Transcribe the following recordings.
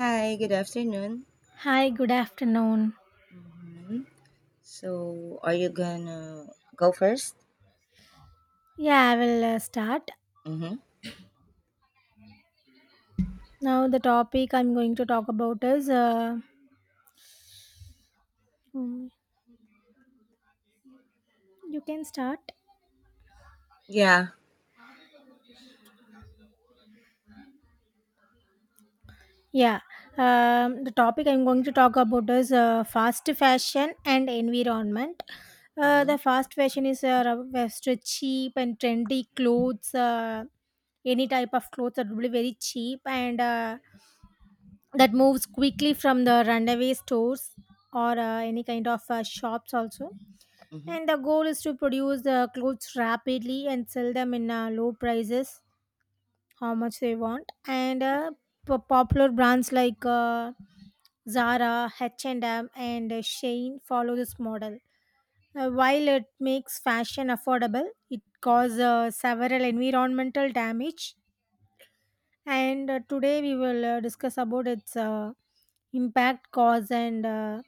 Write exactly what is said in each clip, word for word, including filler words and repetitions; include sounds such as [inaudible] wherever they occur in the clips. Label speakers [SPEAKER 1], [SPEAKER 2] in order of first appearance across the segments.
[SPEAKER 1] Hi, good afternoon.
[SPEAKER 2] Hi, good afternoon.
[SPEAKER 1] hmm So, are you gonna go first?
[SPEAKER 2] Yeah, I will uh, start.
[SPEAKER 1] Mm-hmm.
[SPEAKER 2] Now, the topic I'm going to talk about is uh, mm, you can start.
[SPEAKER 1] Yeah.
[SPEAKER 2] Yeah, um, the topic I'm going to talk about is uh, fast fashion and environment. Uh,
[SPEAKER 1] Mm-hmm.
[SPEAKER 2] the fast fashion is uh, rub- best cheap and trendy clothes, uh, any type of clothes that will be very cheap and uh, that moves quickly from the runaway stores or uh, any kind of uh, shops also.
[SPEAKER 1] Mm-hmm.
[SPEAKER 2] And the goal is to produce the clothes rapidly and sell them in uh, low prices, how much they want. And uh, p- popular brands like uh, Zara, H and M, and M, and uh, Shein follow this model. Uh, while it makes fashion affordable, it causes uh, several environmental damage. And uh, Today we will uh, discuss about its uh, impact, cause, and uh,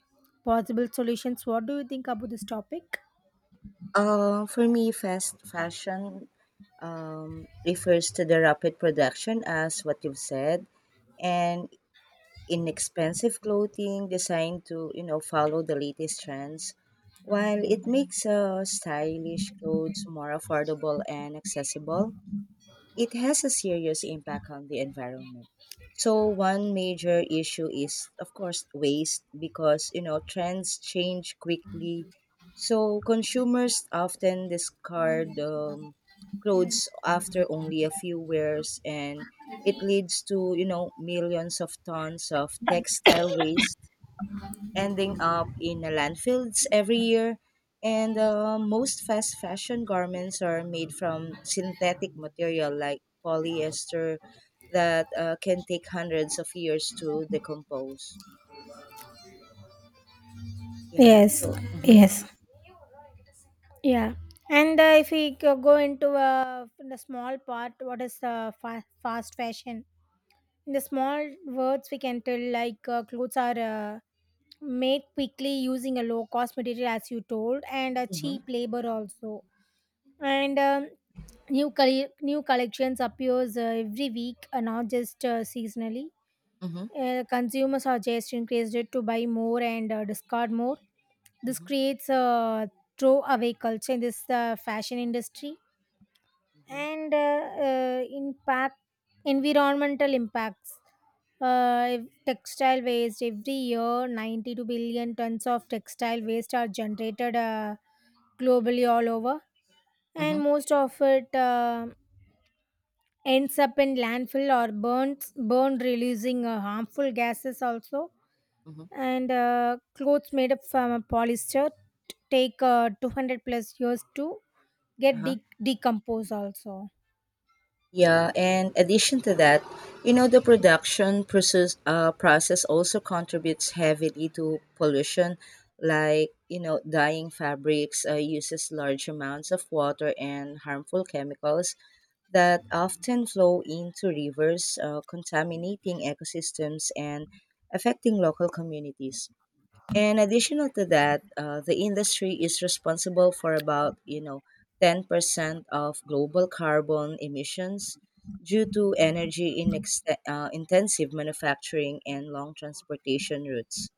[SPEAKER 2] possible solutions. What do you think about this topic?
[SPEAKER 1] Uh, for me, fast fashion um, refers to the rapid production, as what you've said, and inexpensive clothing designed to you know follow the latest trends, while it makes uh, stylish clothes more affordable and accessible. It has a serious impact on the environment. So one major issue is of course waste because you know trends change quickly. So consumers often discard um, clothes after only a few wears, and it leads to you know millions of tons of textile waste ending up in a landfills every year. And uh, most fast fashion garments are made from synthetic material like polyester that uh, can take hundreds of years to decompose. Yeah.
[SPEAKER 2] Yes,
[SPEAKER 1] So. Mm-hmm.
[SPEAKER 2] yes. Yeah, and uh, if we go go into uh, the small part, what is uh, fa- fast fashion? In the small words, we can tell like uh, clothes are uh, made quickly using a low cost material, as you told, and a
[SPEAKER 1] Mm-hmm.
[SPEAKER 2] cheap labor also. And um, new colle new collections appears uh, every week, uh, not just uh, seasonally.
[SPEAKER 1] Mm-hmm.
[SPEAKER 2] Uh, consumers are just increased to buy more and uh, discard more. This
[SPEAKER 1] Mm-hmm.
[SPEAKER 2] creates a throwaway culture in this uh, fashion industry and uh, uh, impact environmental impacts, uh, textile waste. Every year ninety-two billion tons of textile waste are generated uh, globally all over,
[SPEAKER 1] Mm-hmm.
[SPEAKER 2] and most of it uh, ends up in landfill or burns burned, releasing uh, harmful gases also.
[SPEAKER 1] Mm-hmm.
[SPEAKER 2] And uh, clothes made up from a polyester take uh, two hundred plus years to get
[SPEAKER 1] Uh-huh.
[SPEAKER 2] de- decompose also.
[SPEAKER 1] Yeah, and addition to that, you know, the production process uh, process also contributes heavily to pollution, like you know, dyeing fabrics uh, uses large amounts of water and harmful chemicals that often flow into rivers, uh, contaminating ecosystems and affecting local communities. And additional to that, uh, the industry is responsible for about you know ten percent of global carbon emissions due to energy in ext- uh, intensive manufacturing and long transportation routes.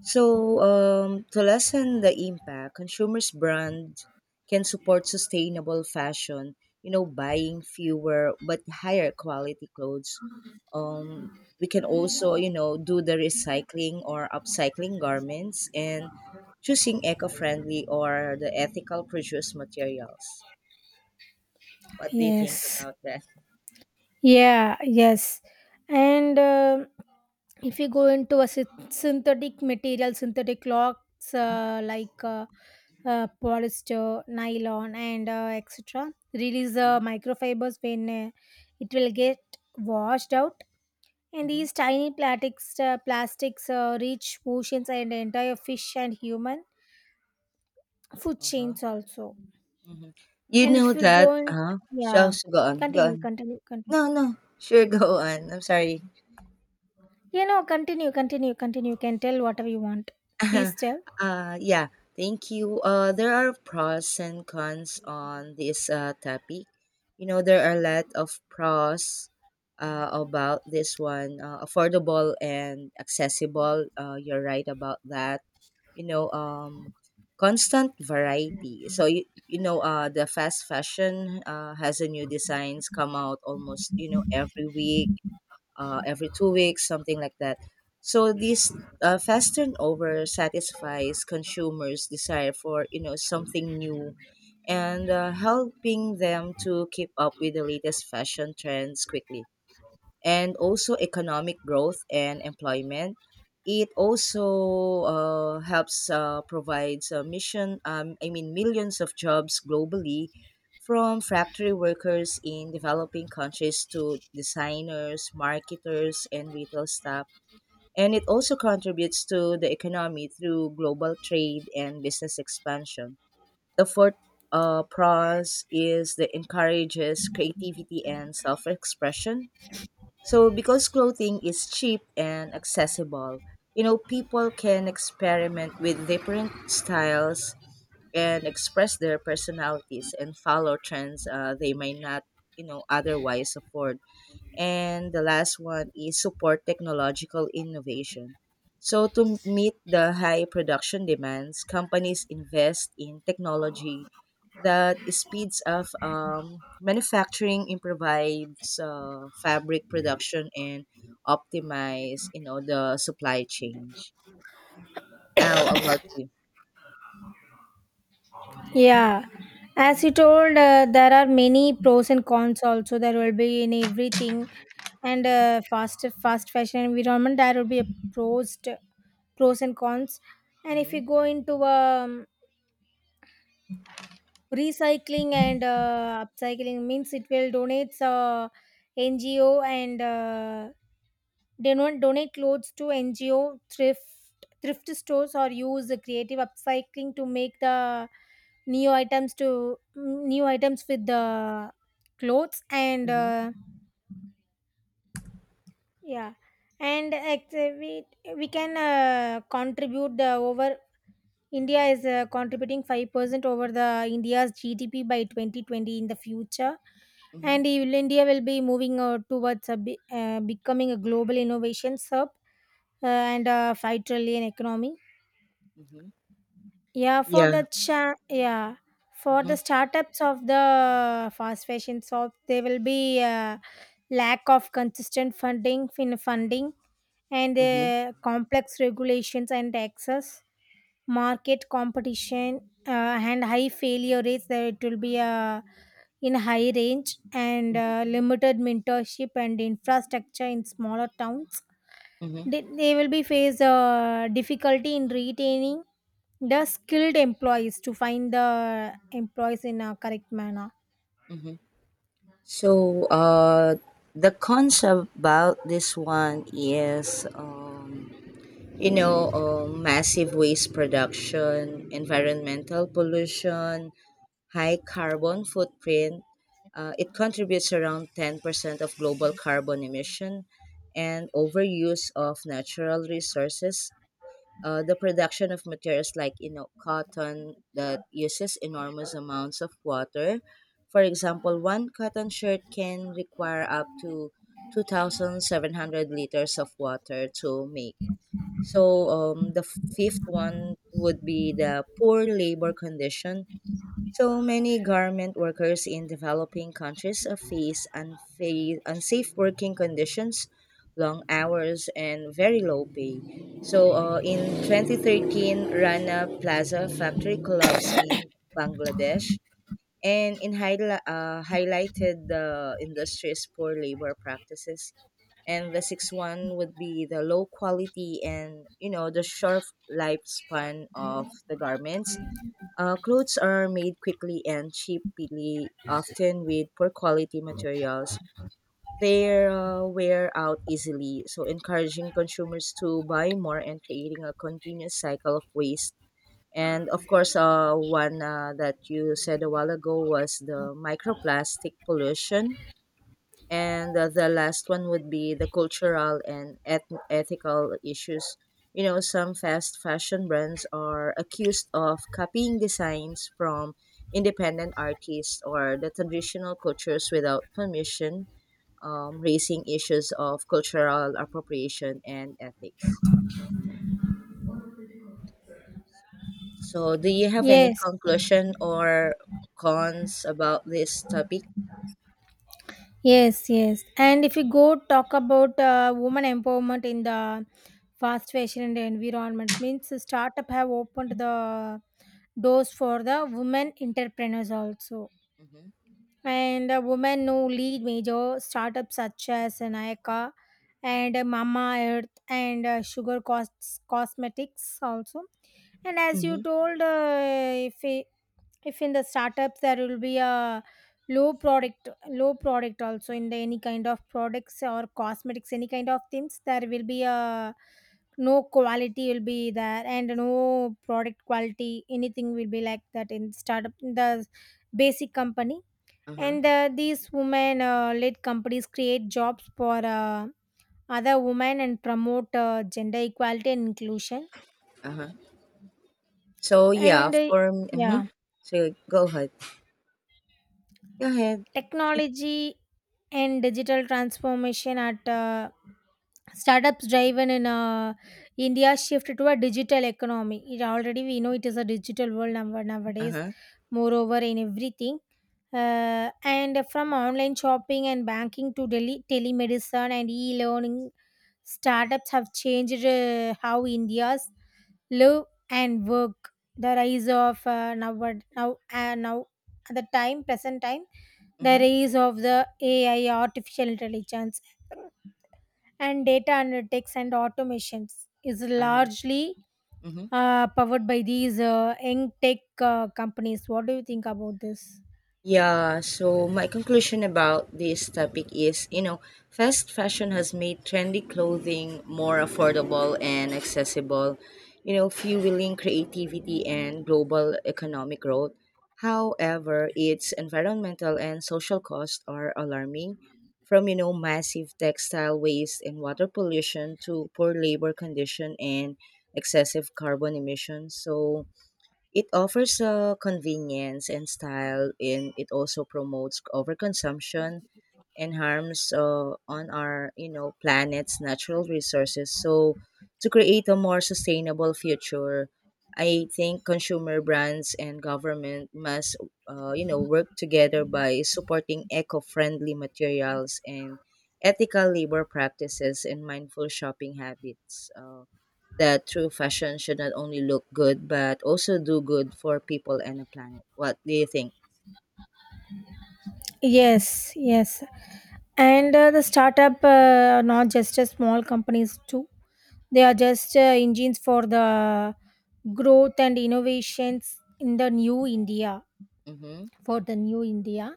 [SPEAKER 1] So, um, to lessen the impact, consumers' brand can support sustainable fashion. You know, buying fewer but higher quality clothes. Um, we can also, you know, do the recycling or upcycling garments and choosing eco-friendly or the ethical produced materials. What do you think
[SPEAKER 2] Yes.
[SPEAKER 1] about that?
[SPEAKER 2] Yeah, yes. And uh, if you go into a syn- synthetic material, synthetic clocks uh, like uh, uh, polyester, nylon, and uh, et cetera, release uh,
[SPEAKER 1] Mhm.
[SPEAKER 2] microfibers when uh, it will get washed out. And
[SPEAKER 1] Mhm.
[SPEAKER 2] these tiny plastics, uh, plastics uh, reach oceans and entire fish and human food
[SPEAKER 1] Uh-huh.
[SPEAKER 2] chains also.
[SPEAKER 1] Mhm. You
[SPEAKER 2] And
[SPEAKER 1] know
[SPEAKER 2] if we
[SPEAKER 1] that
[SPEAKER 2] go, in,
[SPEAKER 1] uh-huh, so
[SPEAKER 2] yeah,
[SPEAKER 1] so go on, go
[SPEAKER 2] continue,
[SPEAKER 1] on.
[SPEAKER 2] continue, continue.
[SPEAKER 1] No, no, sure, [laughs] go on, I'm sorry.
[SPEAKER 2] You know, continue, continue, continue. You can tell whatever you want. Please
[SPEAKER 1] [laughs]
[SPEAKER 2] tell.
[SPEAKER 1] Uh, yeah, thank you. Uh, there are pros and cons on this uh, topic. You know, there are a lot of pros uh, about this one, uh, affordable and accessible. Uh, you're right about that. You know, um, constant variety. So, you, you know, uh, the fast fashion uh, has a new designs come out almost, you know, every week, uh, every two weeks, something like that. So this uh, fast turnover satisfies consumers' desire for you know something new and uh, helping them to keep up with the latest fashion trends quickly, and also economic growth and employment. It also uh, helps uh, provides a mission. Um, I mean, millions of jobs globally, from factory workers in developing countries to designers, marketers, and retail staff. And it also contributes to the economy through global trade and business expansion. The fourth uh, pros is that encourages creativity and self-expression, so because clothing is cheap and accessible, you know, people can experiment with different styles and express their personalities and follow trends uh, they might not, you know, otherwise afford. And the last one is support technological innovation. So, to meet the high production demands, companies invest in technology that speeds up um, manufacturing, improves uh, fabric production, and optimize you know the supply chain. How about you?
[SPEAKER 2] Yeah. As
[SPEAKER 1] Mhm.
[SPEAKER 2] you told, uh, there are many pros and cons also. There will be in everything. And uh, fast fast fashion environment, there will be a pros, t- pros and cons. And if
[SPEAKER 1] Mhm.
[SPEAKER 2] you go into um, recycling and uh, upcycling, means it will donate uh, N G O and uh, they don't donate clothes to N G O, thrift thrift stores, or use the creative upcycling to make the new items to new items with the clothes and
[SPEAKER 1] Mhm.
[SPEAKER 2] uh, yeah, and activate, we can uh, contribute the over. India is uh, contributing five percent over the India's G D P by twenty twenty in the future.
[SPEAKER 1] Mhm.
[SPEAKER 2] And I- India will be moving uh, towards a, bi- uh, becoming a global innovation hub uh, and a five trillion economy.
[SPEAKER 1] Mhm.
[SPEAKER 2] Yeah, for
[SPEAKER 1] Yeah.
[SPEAKER 2] the cha- yeah, for
[SPEAKER 1] Mm-hmm.
[SPEAKER 2] the startups of the fast fashion shops, there will be a lack of consistent funding, fin funding, and
[SPEAKER 1] Mm-hmm.
[SPEAKER 2] uh, complex regulations and taxes, market competition, uh, and high failure rates. There it will be uh, in high range and uh,
[SPEAKER 1] Mm-hmm.
[SPEAKER 2] limited mentorship and infrastructure in smaller towns.
[SPEAKER 1] Mm-hmm.
[SPEAKER 2] They, they will be face uh, difficulty in retaining the skilled employees, to find the employees in a correct manner.
[SPEAKER 1] Mm-hmm. So, uh, the concept about this one is, um, you know, um, massive waste production, environmental pollution, high carbon footprint. Uh, it contributes around ten percent of global carbon emission and overuse of natural resources, uh, the production of materials like you know cotton that uses enormous amounts of water. For example, one cotton shirt can require up to two thousand seven hundred liters of water to make. So um, the fifth one would be the poor labor condition, so many garment workers in developing countries uh, face unfa- unsafe working conditions, long hours, and very low pay. So uh, in twenty thirteen, Rana Plaza factory collapsed in Bangladesh and in highli- uh, highlighted the industry's poor labor practices. And the sixth one would be the low quality and, you know, the short lifespan of the garments. Uh, clothes are made quickly and cheaply, often with poor quality materials. They uh, wear out easily, so encouraging consumers to buy more and creating a continuous cycle of waste. And of course, uh, one uh, that you said a while ago was the microplastic pollution. And uh, the last one would be the cultural and eth- ethical issues. You know, some fast fashion brands are accused of copying designs from independent artists or the traditional cultures without permission, um, raising issues of cultural appropriation and ethics. So do you have any
[SPEAKER 2] Yes.
[SPEAKER 1] conclusion or cons about this topic?
[SPEAKER 2] Yes, yes. And if you go talk about uh, woman empowerment in the fast fashion and environment, means the startup have opened the doors for the women entrepreneurs also.
[SPEAKER 1] Mhm.
[SPEAKER 2] And uh, women who lead major startups such as Nayaka and uh, Mama Earth and uh, Sugar Cos- Cosmetics also. And as you
[SPEAKER 1] Mhm.
[SPEAKER 2] told, uh, if if in the startups there will be a low product low product also, in the any kind of products or cosmetics, any kind of things, there will be a no quality will be there and no product quality, anything will be like that in startup in the basic company.
[SPEAKER 1] Uh-huh.
[SPEAKER 2] And uh, these women uh, led companies create jobs for uh, other women and promote uh, gender equality and inclusion,
[SPEAKER 1] Uh-huh. So yeah,
[SPEAKER 2] and uh,
[SPEAKER 1] for m mhm.
[SPEAKER 2] yeah,
[SPEAKER 1] So go ahead. Go ahead.
[SPEAKER 2] technology and digital transformation at uh, startups driven in uh, India shift to a digital economy. It already, we know it is a digital world now- nowadays,
[SPEAKER 1] Uh-huh.
[SPEAKER 2] moreover in everything. Uh, and from online shopping and banking to tele- telemedicine and e-learning, startups have changed uh, how India's live and work. The rise of uh, now now uh, now At the time present time, the
[SPEAKER 1] Mhm.
[SPEAKER 2] rise of the A I, artificial intelligence, and data analytics and automations is
[SPEAKER 1] Uh-huh.
[SPEAKER 2] largely
[SPEAKER 1] Mhm.
[SPEAKER 2] uh, powered by these uh, young tech uh, companies. What do you think about this?
[SPEAKER 1] Yeah, so my conclusion about this topic is, you know, fast fashion has made trendy clothing more affordable and accessible, you know, fueling creativity and global economic growth. However, its environmental and social costs are alarming, from, you know, massive textile waste and water pollution to poor labor condition and excessive carbon emissions. So, it offers uh, convenience and style, and it also promotes overconsumption and harms uh, on our you know planet's natural resources. So, to create a more sustainable future, I think consumer brands and government must uh, you know work together by supporting eco-friendly materials and ethical labor practices and mindful shopping habits. Uh, that true fashion should not only look good but also do good for people and the planet. What do you think?
[SPEAKER 2] Yes, yes. And uh, the startup uh, are not just a small companies too. They are just uh, engines for the growth and innovations in the new India.
[SPEAKER 1] Mm-hmm.
[SPEAKER 2] For the new India,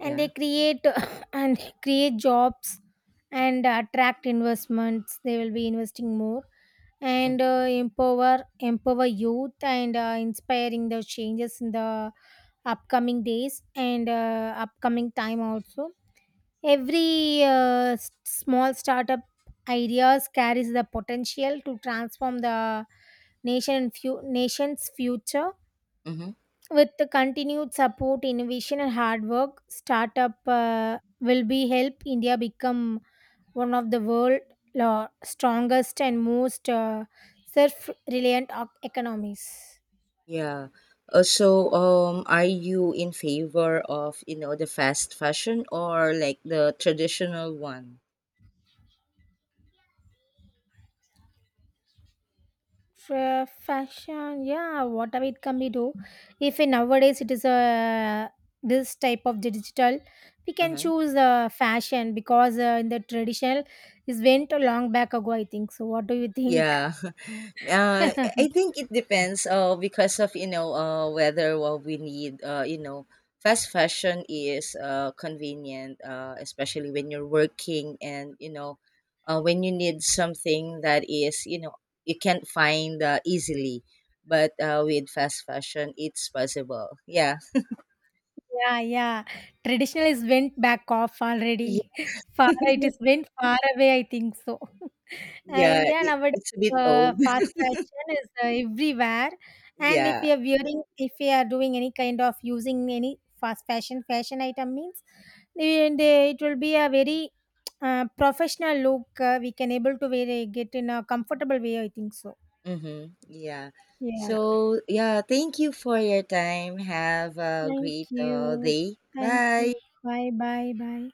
[SPEAKER 2] and they
[SPEAKER 1] Yeah.
[SPEAKER 2] create [laughs] [coughs] and create jobs and attract investments. They will be investing more and
[SPEAKER 1] Mm-hmm.
[SPEAKER 2] uh, empower empower youth and uh, inspiring the changes in the upcoming days and uh, upcoming time also. Every uh, s- small startup ideas carries the potential to transform the nation and few nation's future.
[SPEAKER 1] Mm-hmm.
[SPEAKER 2] With the continued support, innovation, and hard work, startup uh, will be help India become one of the world's strongest and most uh, self-reliant o- economies.
[SPEAKER 1] Yeah. Uh, so, um, are you in favor of you know the fast fashion or like the traditional one?
[SPEAKER 2] Fa- fashion, yeah, whatever it can be do. If in nowadays it is a this type of digital, we
[SPEAKER 1] Uh
[SPEAKER 2] can
[SPEAKER 1] huh.
[SPEAKER 2] choose uh, fashion because uh, in the traditional is went a long back ago. I think so. What do you think?
[SPEAKER 1] Yeah. [laughs] Uh, I
[SPEAKER 2] [laughs]
[SPEAKER 1] think it depends uh, because of, you know, uh, whether what we need, uh, you know, fast fashion is uh, convenient, uh, especially when you're working and, you know, uh, when you need something that is, you know, you can't find uh, easily. But uh, with fast fashion, it's possible. Yeah.
[SPEAKER 2] Yeah, yeah. Traditional is went back off
[SPEAKER 1] Yeah.
[SPEAKER 2] already. [laughs] Far
[SPEAKER 1] [laughs]
[SPEAKER 2] it is went far away, I think so. And
[SPEAKER 1] Yeah,
[SPEAKER 2] yeah,
[SPEAKER 1] it, it's
[SPEAKER 2] nowadays
[SPEAKER 1] a bit
[SPEAKER 2] uh,
[SPEAKER 1] old. [laughs]
[SPEAKER 2] fast fashion is uh, everywhere. And if
[SPEAKER 1] Yeah.
[SPEAKER 2] you are wearing, if you are doing any kind of using any fast fashion fashion item means, they, they, it will be a very uh, professional look. Uh, we can able to wear it, get in a comfortable way. I think so.
[SPEAKER 1] Mm-hmm. Yeah.
[SPEAKER 2] Yeah.
[SPEAKER 1] So, yeah, thank you for your time. Have a
[SPEAKER 2] Thank
[SPEAKER 1] great uh,
[SPEAKER 2] you.
[SPEAKER 1] day.
[SPEAKER 2] Thank you.
[SPEAKER 1] Bye.
[SPEAKER 2] Bye. Bye. Bye.